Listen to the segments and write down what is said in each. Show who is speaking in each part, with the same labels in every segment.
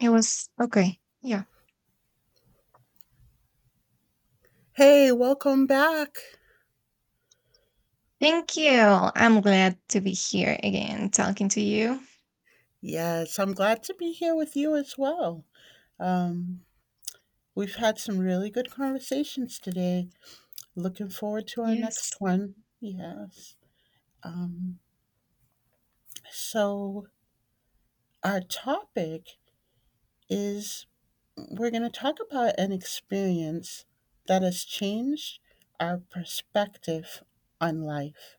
Speaker 1: It was okay. Yeah.
Speaker 2: Hey, welcome back.
Speaker 1: Thank you. I'm glad to be here again talking to you.
Speaker 2: Yes, I'm glad to be here with you as well. Um, we've had some really good conversations today. Looking forward to our
Speaker 1: Yes.
Speaker 2: next one. Yes. Um, so, our topic is we're going to talk about an experience that has changed our perspective on life.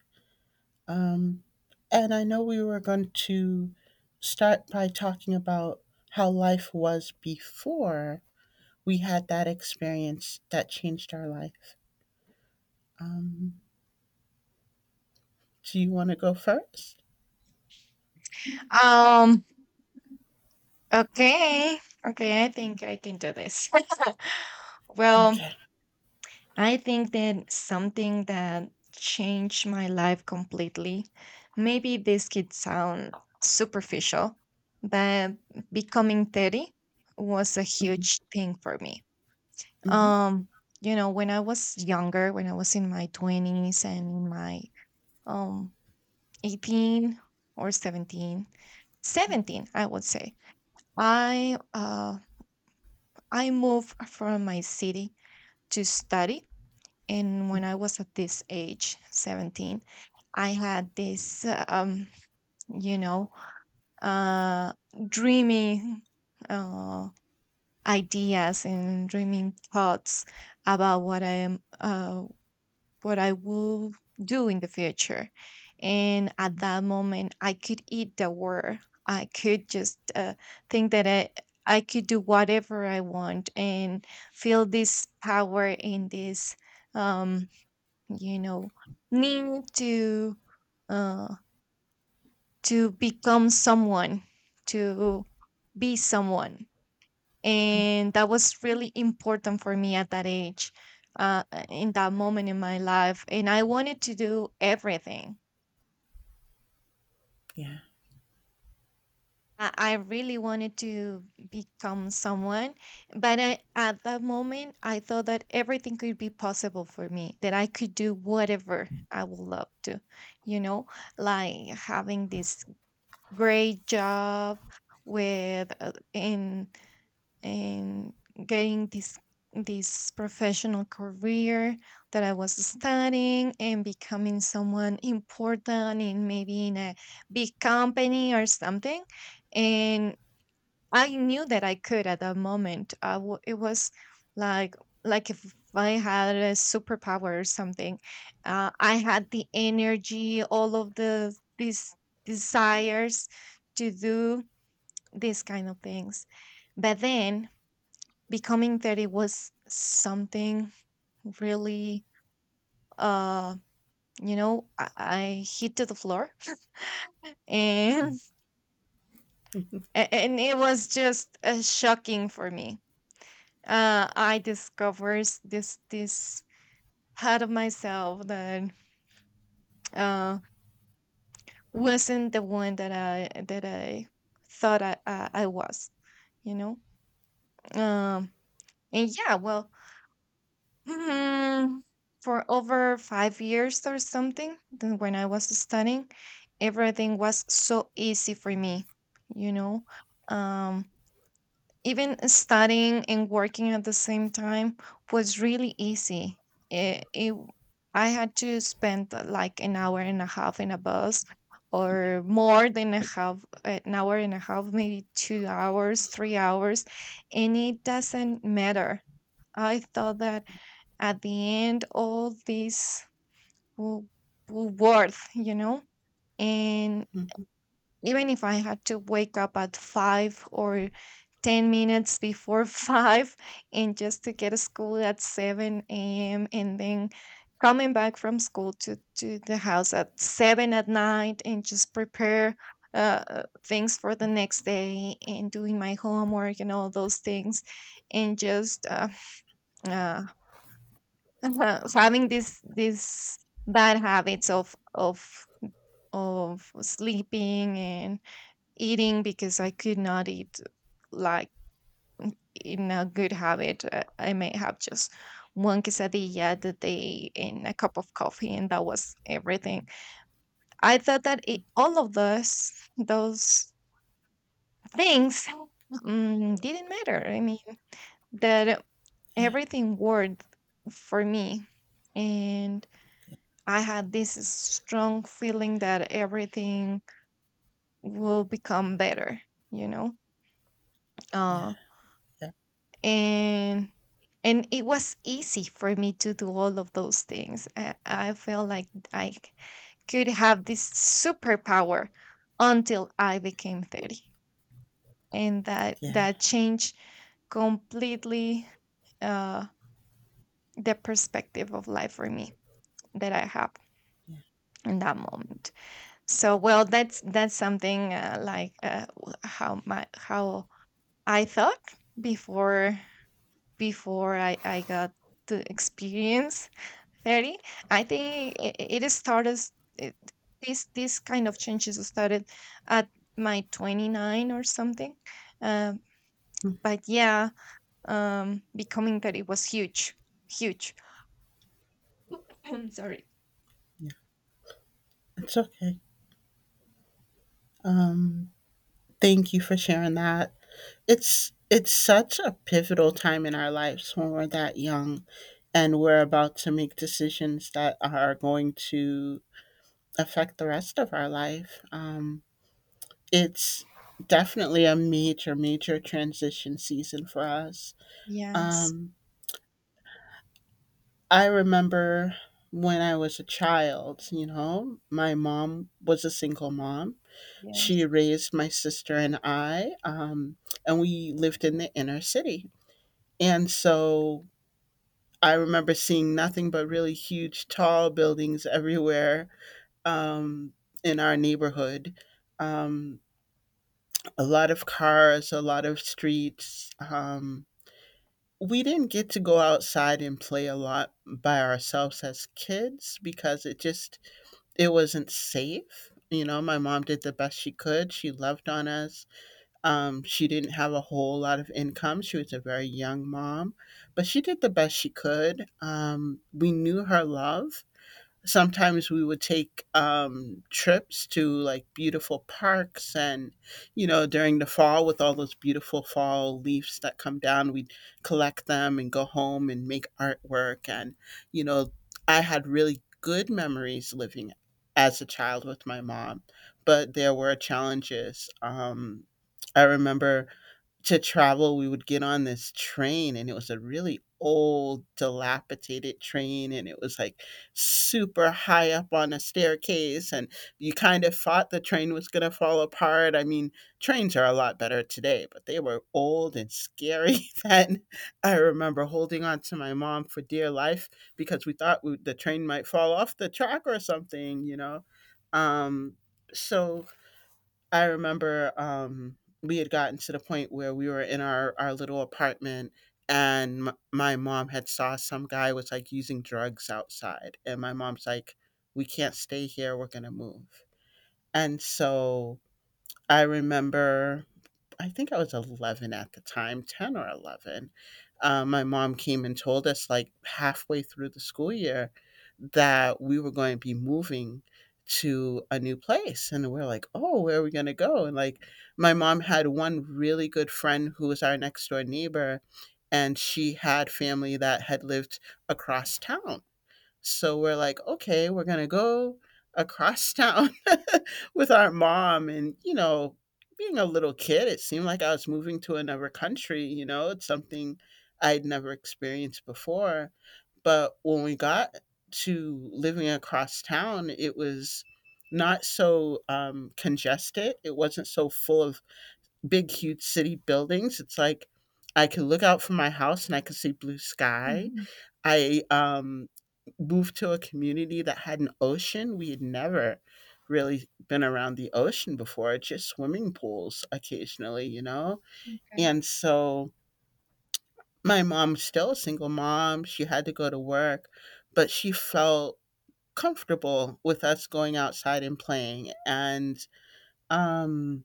Speaker 2: Um, and I know we were going to start by talking about how life was before we had that experience that changed our life. Um, do you want to go first?
Speaker 1: Um okay. Okay, I think I can do this. Well,
Speaker 2: Okay.
Speaker 1: I think that something that changed my life completely. Maybe this could sound superficial, but becoming 30 was a
Speaker 2: Hmm.
Speaker 1: huge thing for me.
Speaker 2: Hmm.
Speaker 1: Um, when I was younger, when I was in my 20s and in my um 18 or 17 I would say, i uh, I moved from my city to study, and when I was at this age 17 I had this you know uh, dreaming, uh, ideas and dreaming thoughts about what I will do in the future. And at that moment, I could eat the world. I could just think that I could do whatever I want and feel this power, and this, um, you know, need to, uh, become someone, to be someone, and that was really important for me at that age, in that moment in my life, and I wanted to do everything.
Speaker 2: Yeah.
Speaker 1: I really wanted to become someone, but at that moment I thought that everything could be possible for me, that I could do whatever I would love to, you know like having this great job with, in, and getting this professional career that I was studying, and becoming someone important in, maybe in a big company or something. And I knew that I could, at that moment. It was like, if I had a superpower or something. I had the energy, all of the these desires to do these kind of things. But then becoming that, it was something really, uh I hit to the floor, and and it was just, shocking for me. I discovered this part of myself that uh wasn't the one that I thought I was, you know um and yeah, well. Hmm, for over 5 years or something, then when I was studying everything was so easy for me, you know. Um, Even studying and working at the same time was really easy. It, it, I had to spend, like, an hour and a half in a bus, or more than a half, an hour and a half, maybe 2 hours, 3 hours, and it doesn't matter. I thought that at the end all this will, will worth, and
Speaker 2: Hmm.
Speaker 1: even if I had to wake up at five or 10 minutes before five, and just to get to school at 7 a.m, and then coming back from school to the house at 7 at night, and just prepare, things for the next day, and doing my homework and all those things, and just, uh, uh-huh. So having this bad habits of sleeping and eating, because I could not eat, like, in a good habit. I may have just one quesadilla the day and a cup of coffee, and that was everything. I thought that, all of those things, didn't matter. I mean that everything worked for me, and I had this strong feeling that everything will become better, you know.
Speaker 2: Yeah.
Speaker 1: Uh,
Speaker 2: Yep.
Speaker 1: and and it was easy for me to do all of those things. I felt like could have this superpower until I became 30, and that
Speaker 2: Yeah.
Speaker 1: that changed completely, uh, the perspective of life for me that I have
Speaker 2: Yeah.
Speaker 1: in that moment. So, well, that's something, like, how I thought before, I got to experience 30. I think it started, it, this kind of changes started at my 29 or something. Um,
Speaker 2: Mhm.
Speaker 1: but yeah, becoming 30 was huge, huge. I'm sorry.
Speaker 2: Yeah. It's okay. Um, Thank you for sharing that. It's such a pivotal time in our lives when we're that young and we're about to make decisions that are going to affect the rest of our life. It's definitely a major, major transition season for us.
Speaker 1: Yes,
Speaker 2: Um, I remember when I was a child, you know, my mom was a single mom. She
Speaker 1: yes.
Speaker 2: raised my sister and I, and we lived in the inner city. And so I remember seeing nothing but really huge, tall buildings everywhere um, in our neighborhood. Um, a lot of cars, a lot of streets. We didn't get to go outside and play a lot by ourselves as kids because it wasn't safe. You know, my mom did the best she could. She loved on us. She didn't have a whole lot of income. She was a very young mom, but she did the best she could. We knew her love. Sometimes we would take trips to like beautiful parks, and during the fall, with all those beautiful fall leaves that come down, we'd collect them and go home and make artwork. And you know I had really good memories living as a child with my mom, but there were challenges. I remember, to travel, we would get on this train, and it was a really old, dilapidated train, and it was like super high up on a staircase, and you kind of thought the train was going to fall apart. I mean, trains are a lot better today, but they were old and scary then. I remember holding on to my mom for dear life because we thought the train might fall off the track or something, you know. Um, so I remember, we had gotten to the point where we were in our little apartment, and my mom had saw some guy was like using drugs outside, and my mom's like, we can't stay here, we're going to move. And so I remember, I think I was 11 at the time, 10 or 11. My mom came and told us, like halfway through the school year, that we were going to be moving to a new place. And we're like, oh, where are we going to go? And like, my mom had one really good friend who was our next door neighbor, and she had family that had lived across town. So we're like, okay, we're going to go across town with our mom. And, you know, being a little kid, it seemed like I was moving to another country. You know, it's something I'd never experienced before. But when we got to living across town, it was not so congested. It wasn't so full of big, huge city buildings. It's like I can look out from my house and I can see blue sky.
Speaker 1: Mhm.
Speaker 2: I moved to a community that had an ocean. We had never really been around the ocean before, just swimming pools occasionally, you know?
Speaker 1: Okay.
Speaker 2: And so my mom's still a single mom. She had to go to work, but she felt comfortable with us going outside and playing. And um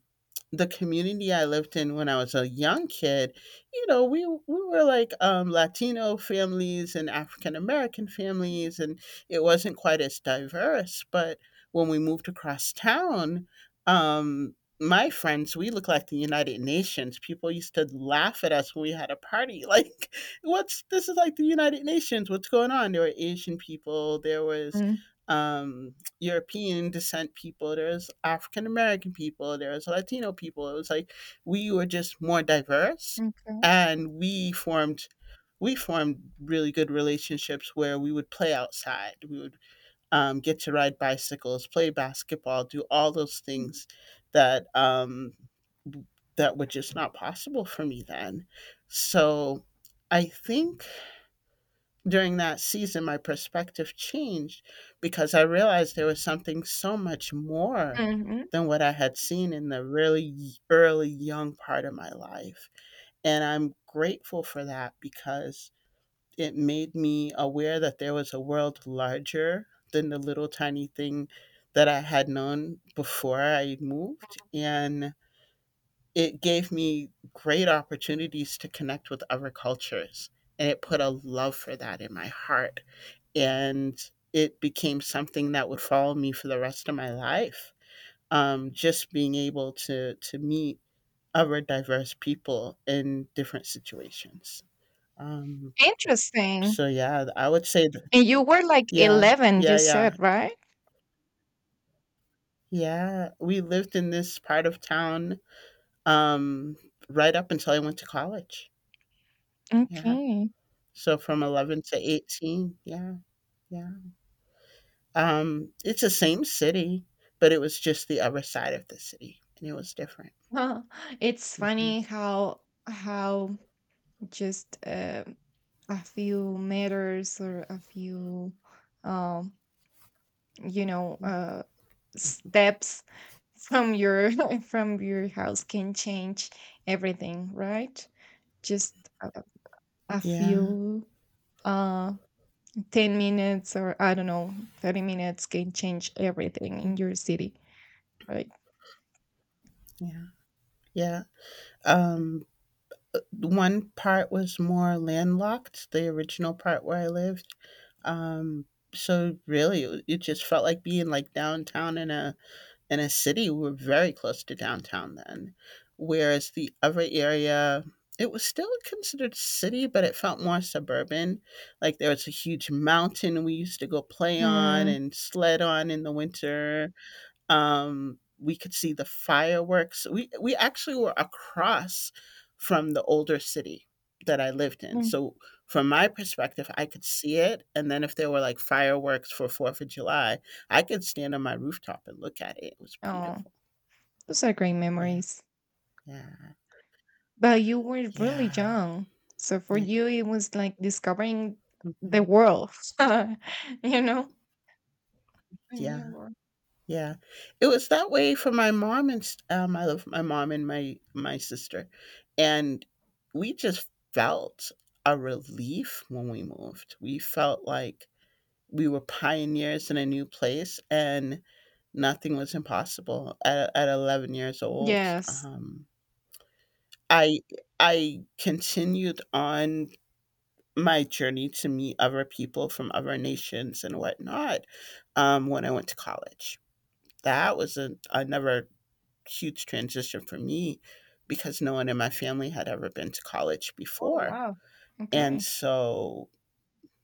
Speaker 2: the community I lived in when I was a young kid, you know, we were like Latino families and African American families, and it wasn't quite as diverse. But when we moved across town, my friends, we look like the United Nations. People used to laugh at us when we had a party. Like, what's this is like the United Nations? What's going on? There were Asian people. There was
Speaker 1: Mm,
Speaker 2: European descent people, there's African American people, there's Latino people. It was like we were just more diverse,
Speaker 1: okay.
Speaker 2: and we formed really good relationships where we would play outside. We would get to ride bicycles, play basketball, do all those
Speaker 1: Mhm.
Speaker 2: things that um, that were just not possible for me then. So I think during that season, my perspective changed because I realized there was something so much more
Speaker 1: Mhm.
Speaker 2: than what I had seen in the really early young part of my life. And I'm grateful for that because it made me aware that there was a world larger than the little tiny thing that I had known before I moved. And it gave me great opportunities to connect with other cultures. And it put a love for that in my heart, and it became something that would follow me for the rest of my life. Just being able to meet other diverse people in different situations. Um,
Speaker 1: Interesting.
Speaker 2: so yeah, I would say that,
Speaker 1: And you were like
Speaker 2: yeah,
Speaker 1: 11, you
Speaker 2: yeah, yeah,
Speaker 1: said, right?
Speaker 2: yeah. We lived in this part of town um, right up until I went to college. Yeah,
Speaker 1: Okay.
Speaker 2: so from 11 to 18. Yeah, yeah. It's the same city, but it was just the other side of the city, and it was different.
Speaker 1: Huh. It's
Speaker 2: Mhm.
Speaker 1: funny how how just, a few meters, or a few, um you know uh steps from your from your house can change everything, right? Just a, a
Speaker 2: Yeah,
Speaker 1: few, uh 10 minutes, or I don't know, 30 minutes, can change everything in your city, right?
Speaker 2: yeah, yeah. Um, One part was more landlocked, the original part where I lived. Um, so really, it just felt like being like downtown in a city. We were very close to downtown then, whereas the other area, it was still considered city, but it felt more suburban. Like there was a huge mountain we used to go play on
Speaker 1: Mm,
Speaker 2: and sled on in the winter. We could see the fireworks. We actually were across from the older city that I lived in.
Speaker 1: mm.
Speaker 2: So from my perspective, I could see it. And then if there were like fireworks for Fourth of July, I could stand on my rooftop and look at it. It was
Speaker 1: Oh,
Speaker 2: beautiful.
Speaker 1: those are great
Speaker 2: Yeah.
Speaker 1: memories.
Speaker 2: Yeah.
Speaker 1: But you were really
Speaker 2: Yeah.
Speaker 1: young. So for
Speaker 2: Yeah.
Speaker 1: you, it was like discovering the
Speaker 2: Mhm.
Speaker 1: world, you know? A new
Speaker 2: Yeah.
Speaker 1: world.
Speaker 2: Yeah, it was that way for my mom and I love my mom and my sister, and we just felt a relief when we moved. We felt like we were pioneers in a new place, and nothing was impossible. At 11 years old,
Speaker 1: Yes.
Speaker 2: I I continued on my journey to meet other people from other nations and whatnot when I went to college. That was a another huge transition for me because no one in my family had ever been to college
Speaker 1: Oh,
Speaker 2: before.
Speaker 1: wow.
Speaker 2: And
Speaker 1: Okay.
Speaker 2: so,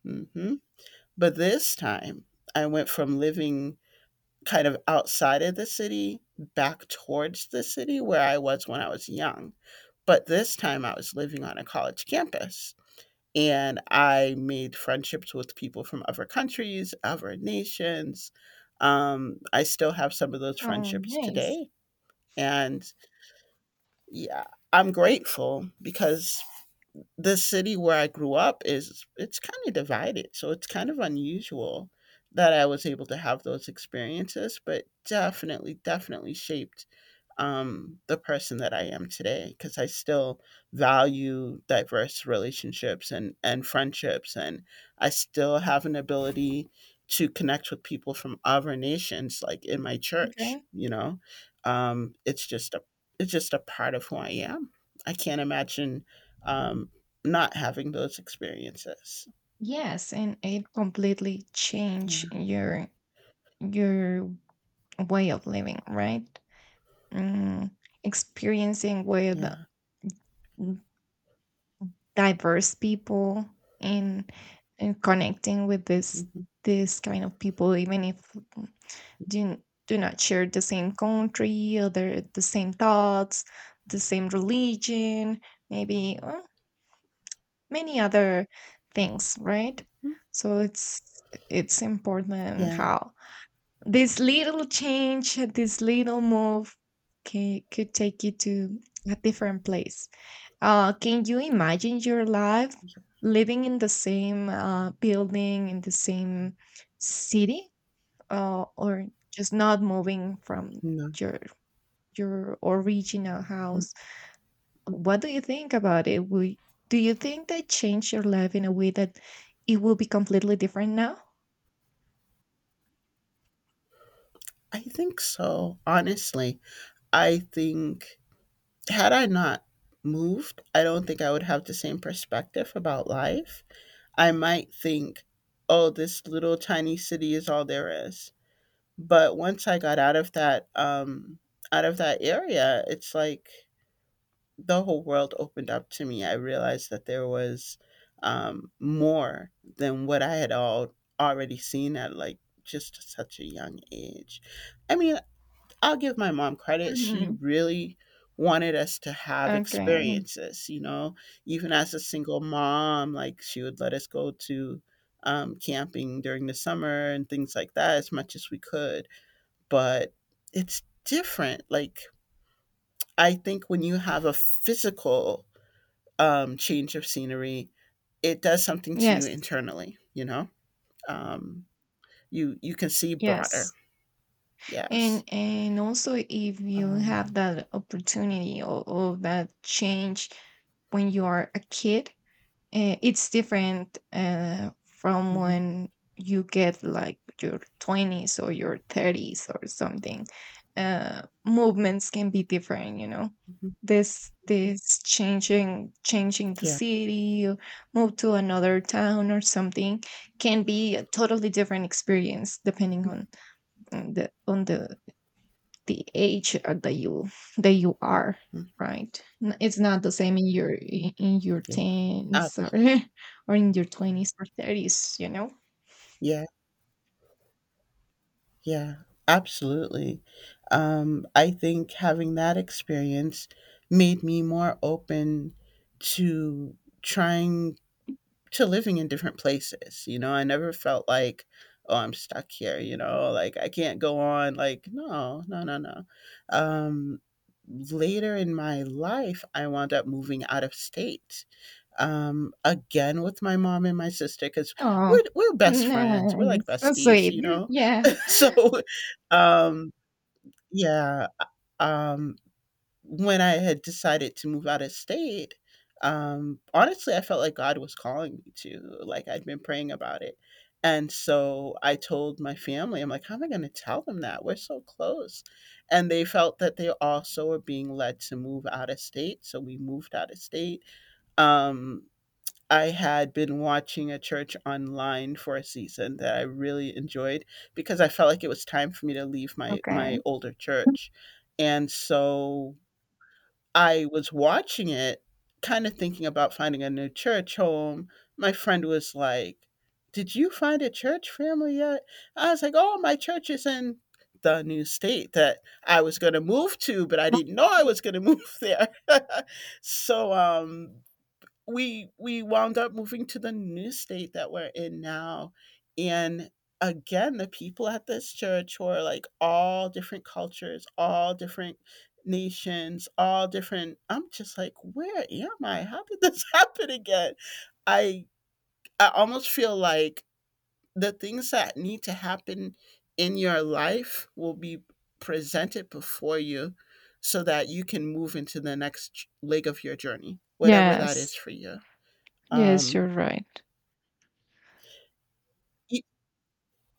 Speaker 2: hmm but this time I went from living kind of outside of the city back towards the city where I was when I was young. But this time I was living on a college campus, and I made friendships with people from other countries, other nations. I still have some of those
Speaker 1: Oh,
Speaker 2: friendships
Speaker 1: nice.
Speaker 2: today. And yeah, I'm grateful because the city where I grew up is it's kind of divided, so it's kind of unusual that I was able to have those experiences, but definitely, definitely shaped the person that I am today because I still value diverse relationships and friendships. And I still have an ability to connect with people from other nations, like in my church,
Speaker 1: Okay.
Speaker 2: you know, um, it's just a part of who I am. I can't imagine, um, not having those experiences.
Speaker 1: Yes, and it completely
Speaker 2: Yeah.
Speaker 1: changed your your way of living, right? Mm, experiencing with
Speaker 2: Yeah.
Speaker 1: diverse people, and, connecting with this
Speaker 2: Hmm.
Speaker 1: this kind of people, even if do do not share the same country, or the same thoughts, the same religion maybe, or many other things, right? So, it's important
Speaker 2: Yeah.
Speaker 1: how. This little change, this little move, can, could take you to a different place. Can you imagine your life living in the same, building, in the same city, or just not moving from
Speaker 2: No.
Speaker 1: your original
Speaker 2: Hmm.
Speaker 1: house? What do you think about it? Do you think that changed your life in a way that it will be completely different now?
Speaker 2: I think so. Honestly, I think had I not moved, I don't think I would have the same perspective about life. I might think, oh, this little tiny city is all there is. But once I got out of that area, it's like the whole world opened up to me. I realized that there was more than what I had all already seen at like just such a young age. I mean, I'll give my mom credit. She
Speaker 1: Mhm.
Speaker 2: really wanted us to have
Speaker 1: Okay.
Speaker 2: experiences, you know, even as a single mom, like she would let us go to camping during the summer and things like that as much as we could. But it's different. Like, I think when you have a physical change of scenery, it does something to you
Speaker 1: Yes.
Speaker 2: internally, you know? Um, you can see broader.
Speaker 1: Yes. and
Speaker 2: Yes.
Speaker 1: and also, if you have
Speaker 2: Um,
Speaker 1: that opportunity, or, that change, when you are a kid, it's different, from
Speaker 2: mhm.
Speaker 1: when you get, like, your 20s or your 30s or something, movements can be different,
Speaker 2: Mhm.
Speaker 1: this changing the
Speaker 2: Yeah.
Speaker 1: city, or move to another town or something, can be a totally different experience, depending on the age, that you are,
Speaker 2: Mm,
Speaker 1: right. It's not the same in your, in your
Speaker 2: yeah. Ab
Speaker 1: teens, or or in your 20s or 30s,
Speaker 2: Yeah, yeah, absolutely. I think having that experience made me more open to trying to living in different places, you know? I never felt like, "Oh, I'm stuck here," you know? Like, "I can't go on." Like, no, no, no, no. Um, Later in my life, I wound up moving out of state, again with my mom and my sister, because
Speaker 1: oh,
Speaker 2: we're best friends, we're like
Speaker 1: nice, so
Speaker 2: besties,
Speaker 1: sweet,
Speaker 2: you know?
Speaker 1: yeah.
Speaker 2: So, um yeah, um when I had decided to move out of state, honestly I felt like God was calling me to, like, I'd been praying about it. And so I told my family, I'm like, how am I going to tell them that we're so close? And they felt that they also were being led to move out of state, so we moved out of state. um I had been watching a church online for a season that I really enjoyed, because I felt like it was time for me to leave my
Speaker 1: Okay.
Speaker 2: my older church. And so I was watching it, kind of thinking about finding a new church home. My friend was like, "Did you find a church family yet?" I was like, "Oh, my church is in the new state that I was going to move to, but I didn't know I was going to move there." So, we wound up moving to the new state that we're in now. And again, the people at this church were like all different cultures, all different nations, all different. I'm just like, where am I? How did this happen again? I i almost feel like the things that need to happen in your life will be presented before you, so that you can move into the next leg of your journey, whatever that is
Speaker 1: Yes,
Speaker 2: for you.
Speaker 1: yes,
Speaker 2: um,
Speaker 1: you're right.
Speaker 2: e-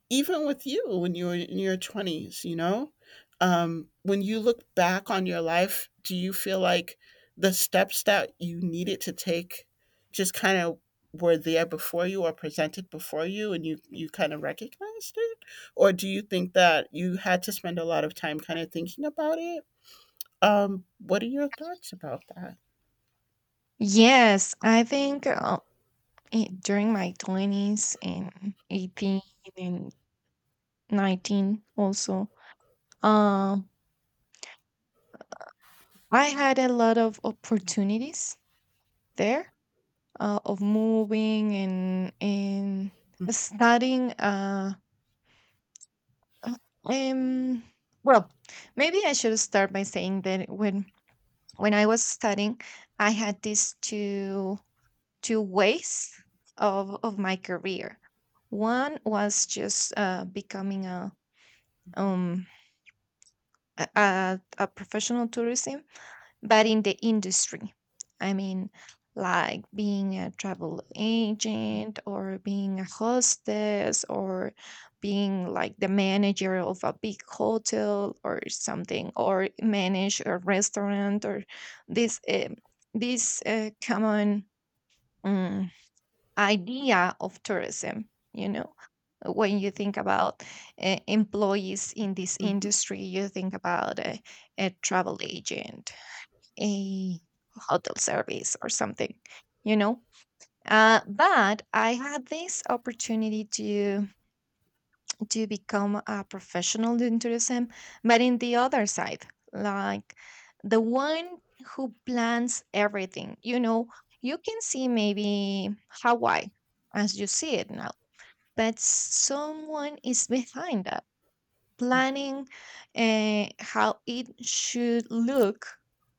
Speaker 2: Even with you, when you were in your 20s, when you look back on your life, do you feel like the steps that you needed to take just kind of were there before you or presented before you, and you kind of recognized it? Or do you think that you had to spend a lot of time kind of thinking about it? What are your thoughts about that?
Speaker 1: Yes, I think, during my 20s and 18 and 19 also, um I had a lot of opportunities there, of moving and, starting, uh, um well, maybe I should start by saying that, when I was studying I had these two ways of, my career. One was just, becoming a, um a professional tourism, but in the industry. I mean, like being a travel agent, or being a hostess, or being like the manager of a big hotel or something, or manage a restaurant, or this uh, this common, um, idea of tourism, you know, when you think about, employees in this
Speaker 2: Mm-hmm.
Speaker 1: industry you think about a travel agent, a hotel service or something, you know. But I had this opportunity to, become a professional in tourism, but in the other side, like the one who plans everything, you know, you can see maybe Hawaii as you see it now, but someone is behind planning, how it should look,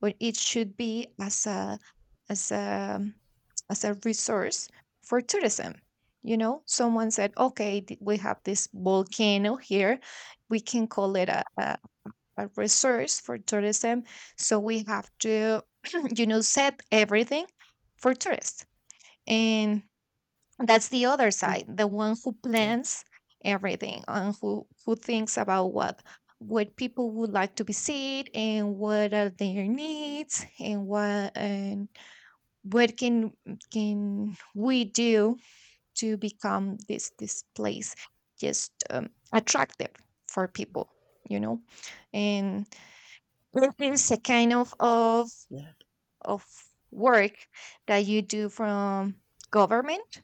Speaker 1: or it should be, as a, as a resource for tourism. You know, someone said, okay, we have this volcano here, we can call it a resource for tourism, so we have to, you know, set everything for tourists, and that's the other side, the one who
Speaker 2: Yeah,
Speaker 1: plans everything, and who thinks about what, people would like to visit, and what are their needs, and what, can, we do to become this place just, attractive for people, you know. And it is a kind of of
Speaker 2: yeah.
Speaker 1: of work that you do from government.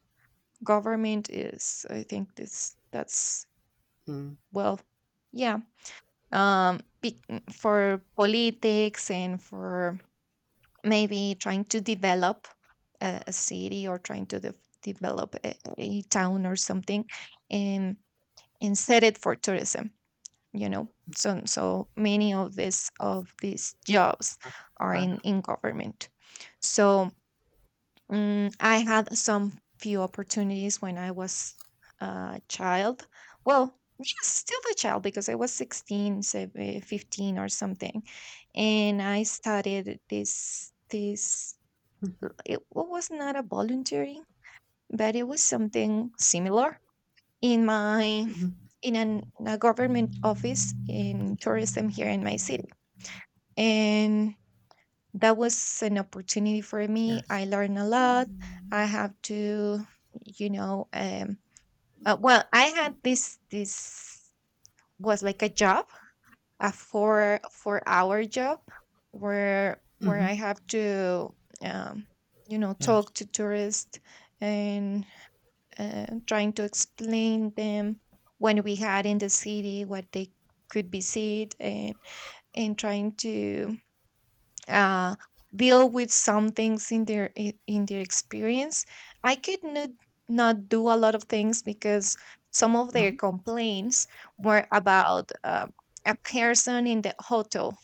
Speaker 1: Government is, I think, this, that's
Speaker 2: Mm.
Speaker 1: well, yeah, um be- for politics, and for maybe trying to develop a city, or trying to, develop a town or something, and set it for tourism, you know. So, many of these jobs are
Speaker 2: Wow.
Speaker 1: in government. So, I had some few opportunities when I was a child. Well, yes, still a child because I was 16, so, 15 or something. And I started this,
Speaker 2: Mhm.
Speaker 1: it was not a voluntary, but it was something similar in
Speaker 2: Mhm.
Speaker 1: in a government office in tourism here in my city. And that was an opportunity for me.
Speaker 2: Yes.
Speaker 1: I learned a lot. I have to, you know, um, well, I had this was like a job, a four four hour job, where
Speaker 2: Hmm.
Speaker 1: I have to, um,
Speaker 2: Yes.
Speaker 1: talk to tourists, and, trying to explain them when we had in the city what they could be seen, and, trying to, uh, deal with some things in their, in their experience. I could not do a lot of things because some of their
Speaker 2: Mhm.
Speaker 1: complaints were about a person in the hotel,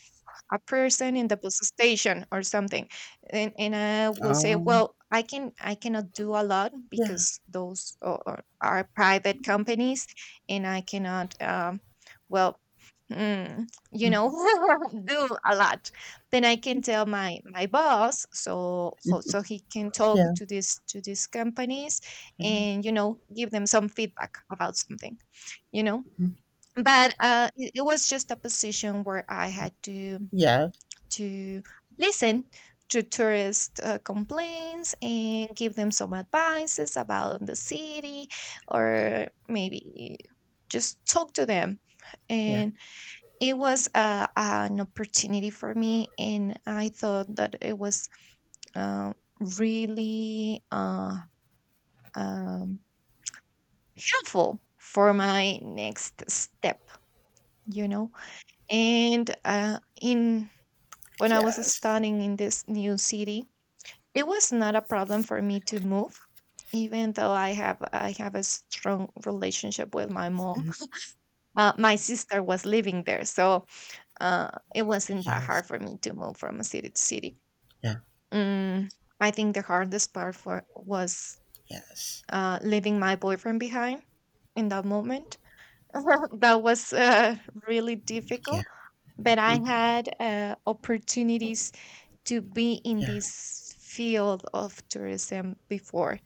Speaker 1: a person in the bus station or something. And I would say,
Speaker 2: Um,
Speaker 1: well, I cannot do a lot
Speaker 2: yeah.
Speaker 1: because those are, are private companies and I cannot, well, mm, you know
Speaker 2: Mhm.
Speaker 1: do a lot. Then I can tell my boss, so he can talk
Speaker 2: Yeah.
Speaker 1: to this to these companies and, you know, give them some feedback about something, you know.
Speaker 2: Mhm.
Speaker 1: But it was just a position where I had to
Speaker 2: Yeah,
Speaker 1: to listen to tourist complaints and give them some advices about the city, or maybe just talk to them.
Speaker 2: yeah,
Speaker 1: And it was, an opportunity for me, and I thought that it was uh, really, um, helpful for my next step, you know. And uh, in when I was
Speaker 2: yes,
Speaker 1: studying in this new city, it was not a problem for me to move, even though I have a strong relationship with my mom. My sister was living there, so uh, it wasn't that
Speaker 2: yes,
Speaker 1: hard for me to move from city to city.
Speaker 2: yeah,
Speaker 1: Mm, I think the hardest part for was
Speaker 2: yes,
Speaker 1: leaving my boyfriend behind in that moment. That was, really
Speaker 2: yeah.
Speaker 1: difficult, but I
Speaker 2: Mhm.
Speaker 1: had opportunities to be in
Speaker 2: Yeah.
Speaker 1: this field of tourism before,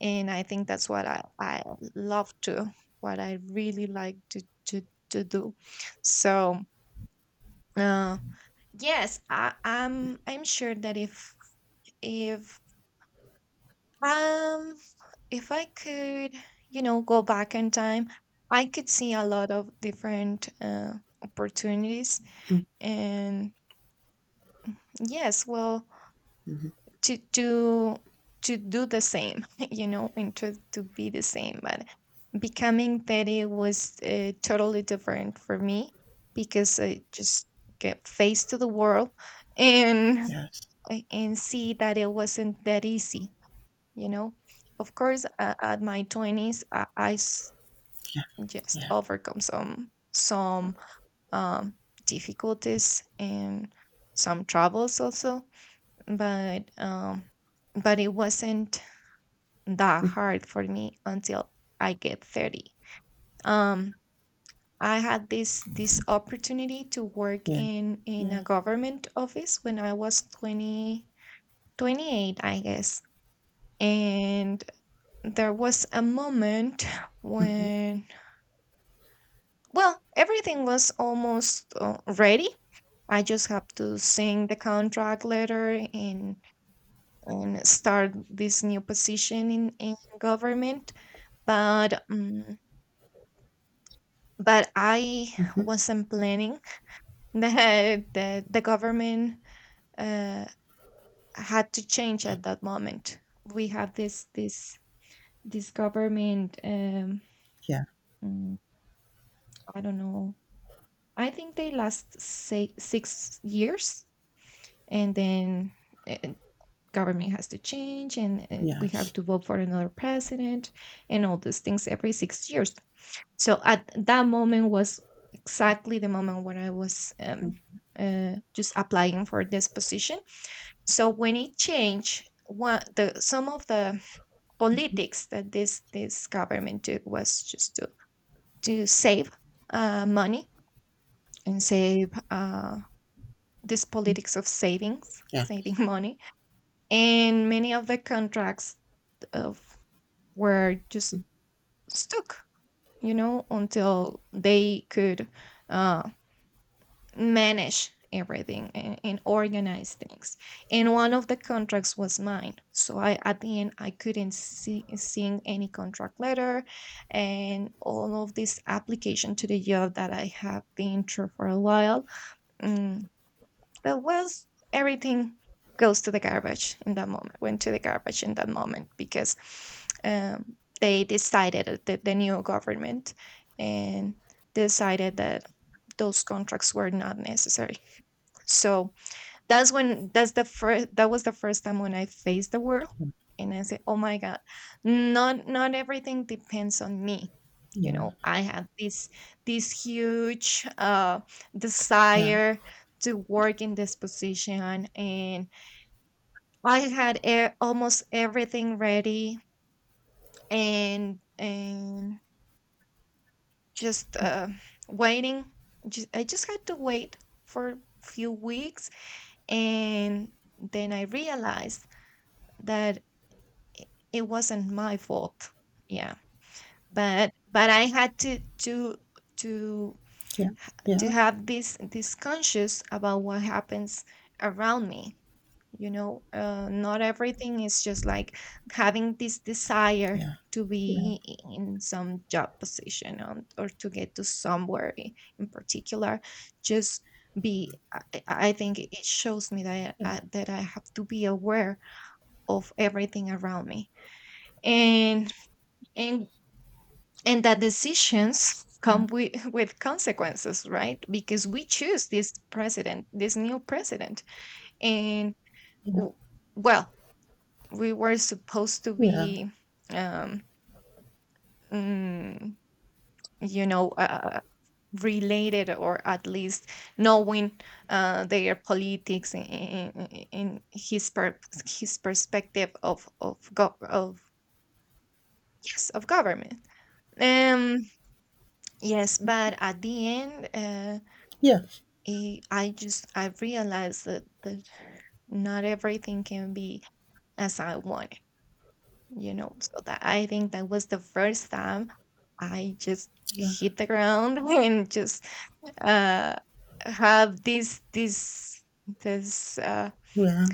Speaker 1: and I think that's I love to what I really like to to do. So, uh, yes, I'm sure that if, um if I could, you know, go back in time, I could see a lot of different opportunities, and yes, well,
Speaker 2: Mhm.
Speaker 1: to to to do the same, you know, and to be the same. But becoming 30 was, totally different for me because I just get faced to the world and,
Speaker 2: Yes,
Speaker 1: like, and see that it wasn't that easy, you know. Of course, at my twenties
Speaker 2: yeah,
Speaker 1: just
Speaker 2: yeah,
Speaker 1: overcome some um, difficulties and some troubles also. But but it wasn't that hard for me until I get 30. Um, I had this opportunity to work
Speaker 2: yeah,
Speaker 1: in
Speaker 2: yeah.
Speaker 1: a government office when I was 20 28, I guess. And there was a moment
Speaker 2: Mhm.
Speaker 1: when, well, everything was almost, ready. I just have to sign the contract letter and start this new position in government. But but I
Speaker 2: Mhm,
Speaker 1: wasn't planning that the government, uh, had to change at that moment. We have this this government,
Speaker 2: yeah,
Speaker 1: mm, I don't know, I think they last say 6 years, and then, uh, government has to change, and we have
Speaker 2: yes,
Speaker 1: to vote for another president and all these things every 6 years. So at that moment was exactly the moment when I was,
Speaker 2: mhm,
Speaker 1: just applying for this position. So when it changed, one the some of the politics that this government took was just to save, money, and save, this politics of savings,
Speaker 2: yeah,
Speaker 1: saving money, and many of the contracts of were just stuck, you know, until they could, uh, manage everything and organize things. And one of the contracts was mine, so I at the end I couldn't seeing any contract letter, and all of this application to the job that I have been through for a while. mm, but was everything goes to the garbage in that moment went to the garbage in that moment because, they decided, the new government, and decided that those contracts were not necessary. So that's when, that was the first time when I faced the world.
Speaker 2: mm,
Speaker 1: And I said, "Oh my god, not everything depends on me." You
Speaker 2: yeah,
Speaker 1: know, I had this, this huge, uh,
Speaker 2: yeah,
Speaker 1: desire to work in this position, and I had, almost everything ready, and just, uh, waiting. I just had to wait for few weeks, and then I realized that, i- it wasn't my fault. Yeah. But I had to to
Speaker 2: yeah,
Speaker 1: to
Speaker 2: yeah,
Speaker 1: have this conscious about what happens around me. You know, not everything is just like having this desire to
Speaker 2: yeah,
Speaker 1: be, in some job position or to get to somewhere, in particular. Just be. I think it shows me that
Speaker 2: yeah, yeah,
Speaker 1: that I have to be aware of everything around me, and and and that decisions come with with consequences, right? Because we choose this president, this new president, and,
Speaker 2: yeah,
Speaker 1: w- well, we were supposed to
Speaker 2: yeah,
Speaker 1: be, um mm, you know, related, or at least knowing, their politics in his perspective of of, yes, of government. um Yes, but at the end,
Speaker 2: yes,
Speaker 1: I realized that not everything can be as I want it, you know. So that I think that was the first time I just
Speaker 2: yeah,
Speaker 1: hit the ground and just, uh, have this,
Speaker 2: yeah,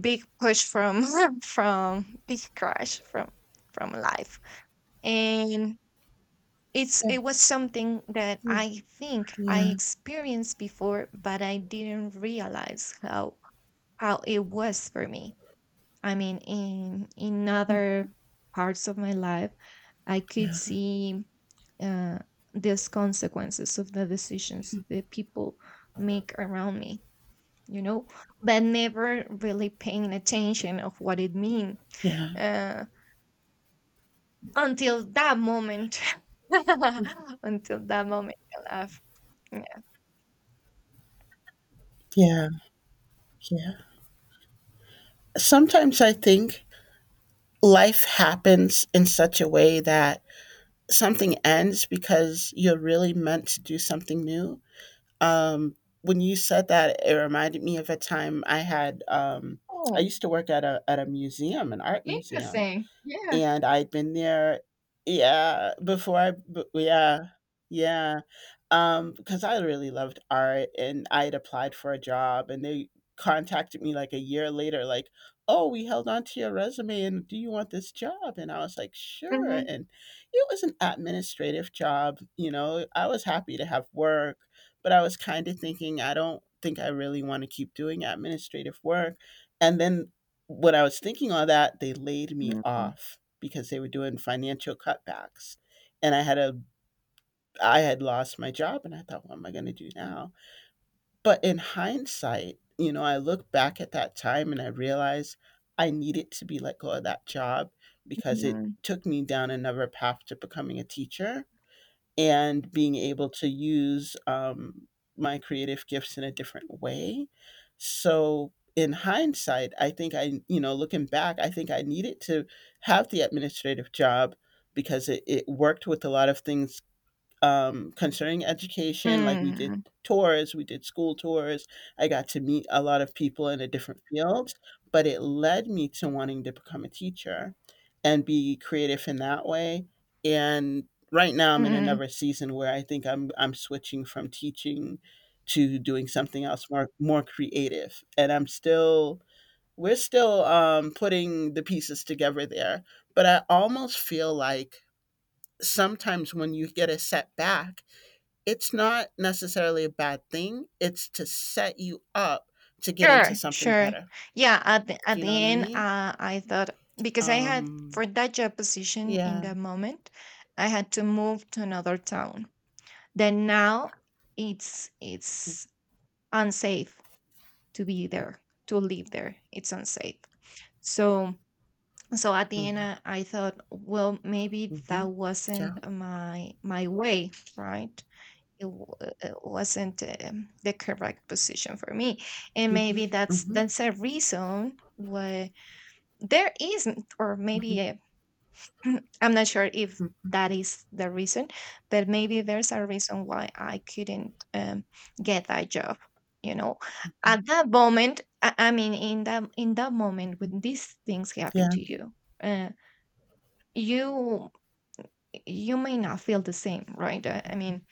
Speaker 1: big push from from big crash from life. And it's,
Speaker 2: yeah,
Speaker 1: it was something that I think I
Speaker 2: yeah,
Speaker 1: experienced before, but I didn't realize how it was for me. I mean, in other parts of my life, I could
Speaker 2: yeah,
Speaker 1: see, uh, these consequences of the decisions that people make around me, you know, but never really paying attention of what it mean,
Speaker 2: yeah,
Speaker 1: uh, until that moment. Until that moment, I of
Speaker 2: yeah, yeah. Sometimes I think life happens in such a way that something ends because you're really meant to do something new. Um, when you said that, it reminded me of a time I had. I
Speaker 1: Oh,
Speaker 2: used to work at a museum, an art museum,
Speaker 1: interesting. Yeah.
Speaker 2: and I'd been there, yeah, yeah. Yeah. Because I really loved art, and I had applied for a job, and they contacted me like a year later, like, "Oh, we held on to your resume, and do you want this job?" And I was like, "Sure."
Speaker 1: Mhm,
Speaker 2: And it was an administrative job. I was happy to have work, but I was kind of thinking, I don't think I really want to keep doing administrative work. And then when I was thinking all that, they laid me
Speaker 1: mm,
Speaker 2: off because they were doing financial cutbacks. And I had lost my job, and I thought, what am I going to do now? But in hindsight, I look back at that time and I realized I needed to be let go of that job, because it
Speaker 1: mhm,
Speaker 2: took me down another path to becoming a teacher and being able to use my creative gifts in a different way. So in hindsight, I think I, looking back, I think I needed to have the administrative job, because it worked with a lot of things concerning education. Like we did
Speaker 1: mm,
Speaker 2: tours, we did school tours. I got to meet a lot of people in a different field, but it led me to wanting to become a teacher and be creative in that way. And right now I'm in
Speaker 1: mhm.
Speaker 2: another season where I think I'm switching from teaching to doing something else more creative. And I'm still we're still putting the pieces together there, but I almost feel like sometimes when you get a setback, it's not necessarily a bad thing. It's to set you up to get into
Speaker 1: Sure,
Speaker 2: something
Speaker 1: sure.
Speaker 2: better.
Speaker 1: Yeah,
Speaker 2: Do
Speaker 1: at
Speaker 2: you know
Speaker 1: the
Speaker 2: what I
Speaker 1: end,
Speaker 2: mean?
Speaker 1: I thought, because I had
Speaker 2: Um,
Speaker 1: for that job position in
Speaker 2: yeah.
Speaker 1: that moment, I had to move to another town. Then now it's unsafe to be there, to live there. It's unsafe. So, so at the end,
Speaker 2: Mm-hmm.
Speaker 1: I thought, well, maybe
Speaker 2: Mm-hmm.
Speaker 1: that
Speaker 2: Yeah.
Speaker 1: wasn't my way, right? It wasn't, the correct position for me, and
Speaker 2: Mm-hmm.
Speaker 1: maybe
Speaker 2: Mm-hmm.
Speaker 1: that's a reason why there isn't, or
Speaker 2: Mm-hmm.
Speaker 1: maybe I am not sure if
Speaker 2: Mm-hmm.
Speaker 1: that is the reason, but maybe there's a reason why I couldn't, get that job, you know, at that moment. I mean, in that moment when these things
Speaker 2: Yeah.
Speaker 1: happen to you, uh, you you may not feel the same, right? I mean,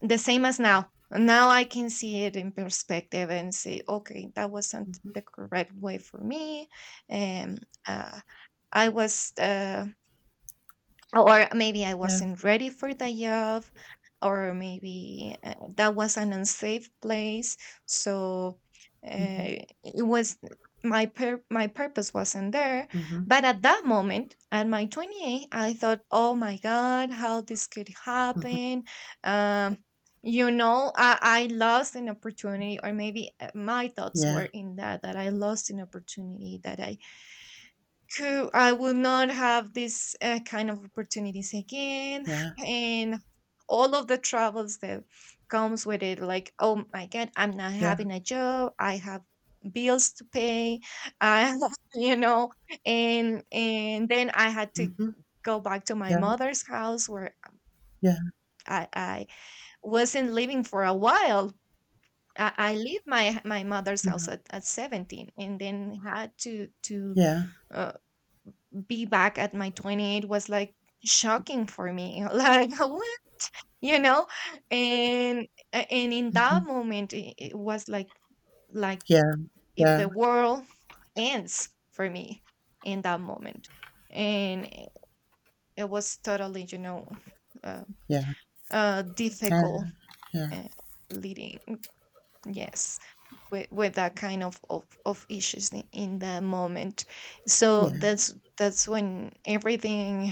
Speaker 1: the same as now. Now I can see it in perspective and say, okay, that wasn't
Speaker 2: Mm-hmm.
Speaker 1: the correct way for me. And, I was, or maybe I
Speaker 2: Yeah.
Speaker 1: wasn't ready for the job, or maybe, that was an unsafe place. So,
Speaker 2: Mm-hmm.
Speaker 1: it was my purpose wasn't there.
Speaker 2: Mm-hmm.
Speaker 1: But at that moment, at my 28, I thought, oh my god, how this could
Speaker 2: Mm-hmm.
Speaker 1: happen. Um, you know, I lost an opportunity, or maybe, my thoughts
Speaker 2: Yeah.
Speaker 1: were in that, I lost an opportunity that I Cool. I will not have this, kind of opportunities again,
Speaker 2: Yeah.
Speaker 1: and all of the troubles that comes with it. Like, oh my God, I'm not
Speaker 2: Yeah.
Speaker 1: having a job. I have bills to pay. I, you know, and then I had to
Speaker 2: Mm-hmm.
Speaker 1: go back to my
Speaker 2: Yeah.
Speaker 1: mother's house where
Speaker 2: Yeah.
Speaker 1: I wasn't living for a while. I leave my mother's
Speaker 2: Yeah.
Speaker 1: house at 17, and then had to to.
Speaker 2: Yeah.
Speaker 1: Uh, be back at my 28 was like shocking for me, like what, you know. And, and in
Speaker 2: Mm-hmm.
Speaker 1: that moment it was like,
Speaker 2: Yeah.
Speaker 1: if
Speaker 2: Yeah.
Speaker 1: the world ends for me in that moment. And it was totally, you know, uh,
Speaker 2: Yeah. Yeah.
Speaker 1: difficult,
Speaker 2: Yeah.
Speaker 1: uh, leading, yes, with that kind of, of issues in that moment.
Speaker 2: Yeah.
Speaker 1: So
Speaker 2: Yeah. Yeah.
Speaker 1: that's when everything,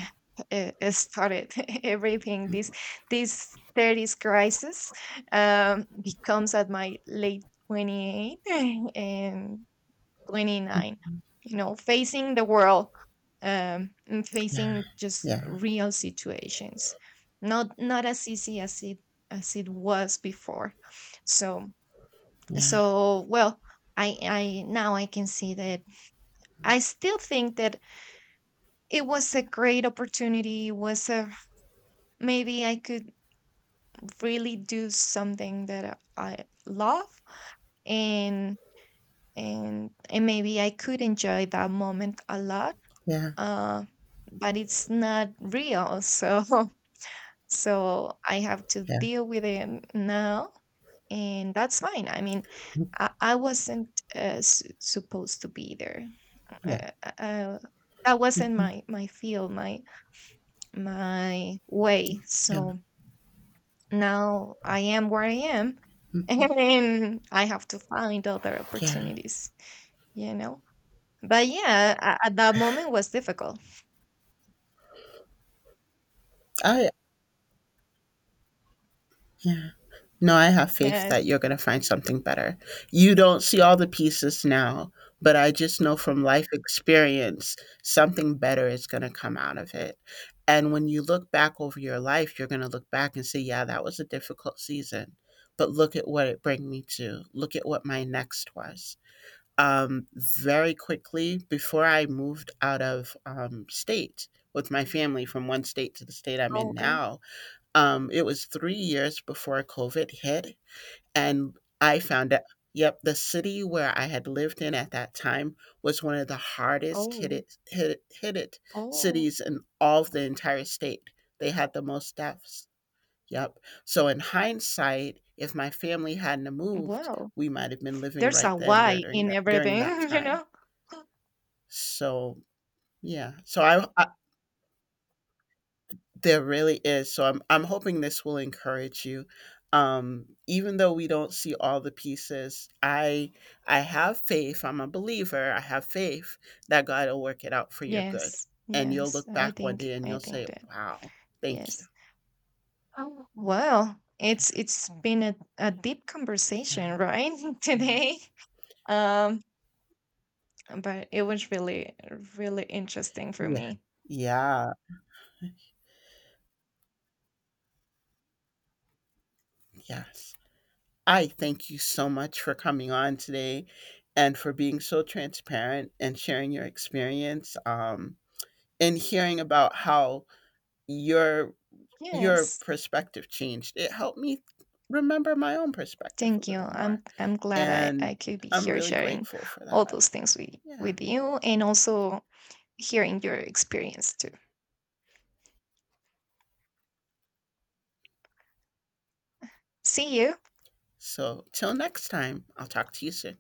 Speaker 1: started everything, this thirties crisis, becomes at my late 28 and 29, you know, facing the world, and facing just
Speaker 2: Yeah. Yeah.
Speaker 1: real situations, not not as easy as it was before. So, so, well, I now I can see that I still think that it was a great opportunity. It was a, maybe I could really do something that I love. And, maybe I could enjoy that moment a lot, uh but it's not real. So so I have to deal with it now, and that's fine. I mean, I wasn't, supposed to be there.
Speaker 2: Yeah. Yeah.
Speaker 1: uh, uh, uh, that wasn't my field, my way.
Speaker 2: Yeah.
Speaker 1: So now I am where I am, and I have to find other
Speaker 2: Yeah.
Speaker 1: opportunities. You know, but yeah, at that moment was difficult.
Speaker 2: I Yeah. No, I have faith that
Speaker 1: Yes.
Speaker 2: you're gonna find something better. You don't see all the pieces now, but I just know from life experience, something better is gonna come out of it. And when you look back over your life, you're gonna look back and say, "Yeah, that was a difficult season, but look at what it bring me to. Look at what my next was." Very quickly, before I moved out of, state with my family from one state to the state I'm in
Speaker 1: Okay.
Speaker 2: now, it was 3 years before COVID hit, and I found out. Yep, the city where I had lived in at that time was one of the hardest hit
Speaker 1: Oh.
Speaker 2: it, hit it, hit it
Speaker 1: Oh.
Speaker 2: cities in all of the entire state. They had the most deaths. Yep. So in hindsight, if my family hadn't moved,
Speaker 1: Wow.
Speaker 2: we might have been living
Speaker 1: There's
Speaker 2: right
Speaker 1: a
Speaker 2: then
Speaker 1: why
Speaker 2: during
Speaker 1: in everything.
Speaker 2: that
Speaker 1: You
Speaker 2: time.
Speaker 1: know.
Speaker 2: So yeah. So I There really is. So I'm hoping this will encourage you. Even though we don't see all the pieces, I have faith. I'm a believer. I have faith that God will work it out for your good.
Speaker 1: Yes.
Speaker 2: And you'll
Speaker 1: Yes.
Speaker 2: look
Speaker 1: I
Speaker 2: back one day
Speaker 1: think.
Speaker 2: and
Speaker 1: I
Speaker 2: you'll say,
Speaker 1: think that.
Speaker 2: "Wow, thank you."
Speaker 1: Yes. Oh, well,
Speaker 2: Yeah,
Speaker 1: it's been a deep
Speaker 2: yeah,
Speaker 1: conversation, right?
Speaker 2: yeah.
Speaker 1: Today. Um, but it was really, really interesting for
Speaker 2: Yeah.
Speaker 1: me.
Speaker 2: Yeah. Yes. I thank you so much for coming on today and for being so transparent and sharing your experience, and hearing about how your
Speaker 1: Yes.
Speaker 2: perspective changed. It helped me remember my own perspective a
Speaker 1: Thank you.
Speaker 2: little more.
Speaker 1: I'm glad I
Speaker 2: And
Speaker 1: could be
Speaker 2: I'm
Speaker 1: here
Speaker 2: really
Speaker 1: sharing
Speaker 2: grateful for
Speaker 1: all
Speaker 2: that.
Speaker 1: those things
Speaker 2: Yeah.
Speaker 1: with you, and also hearing your experience too. See you.
Speaker 2: So, till next time, I'll talk to you soon.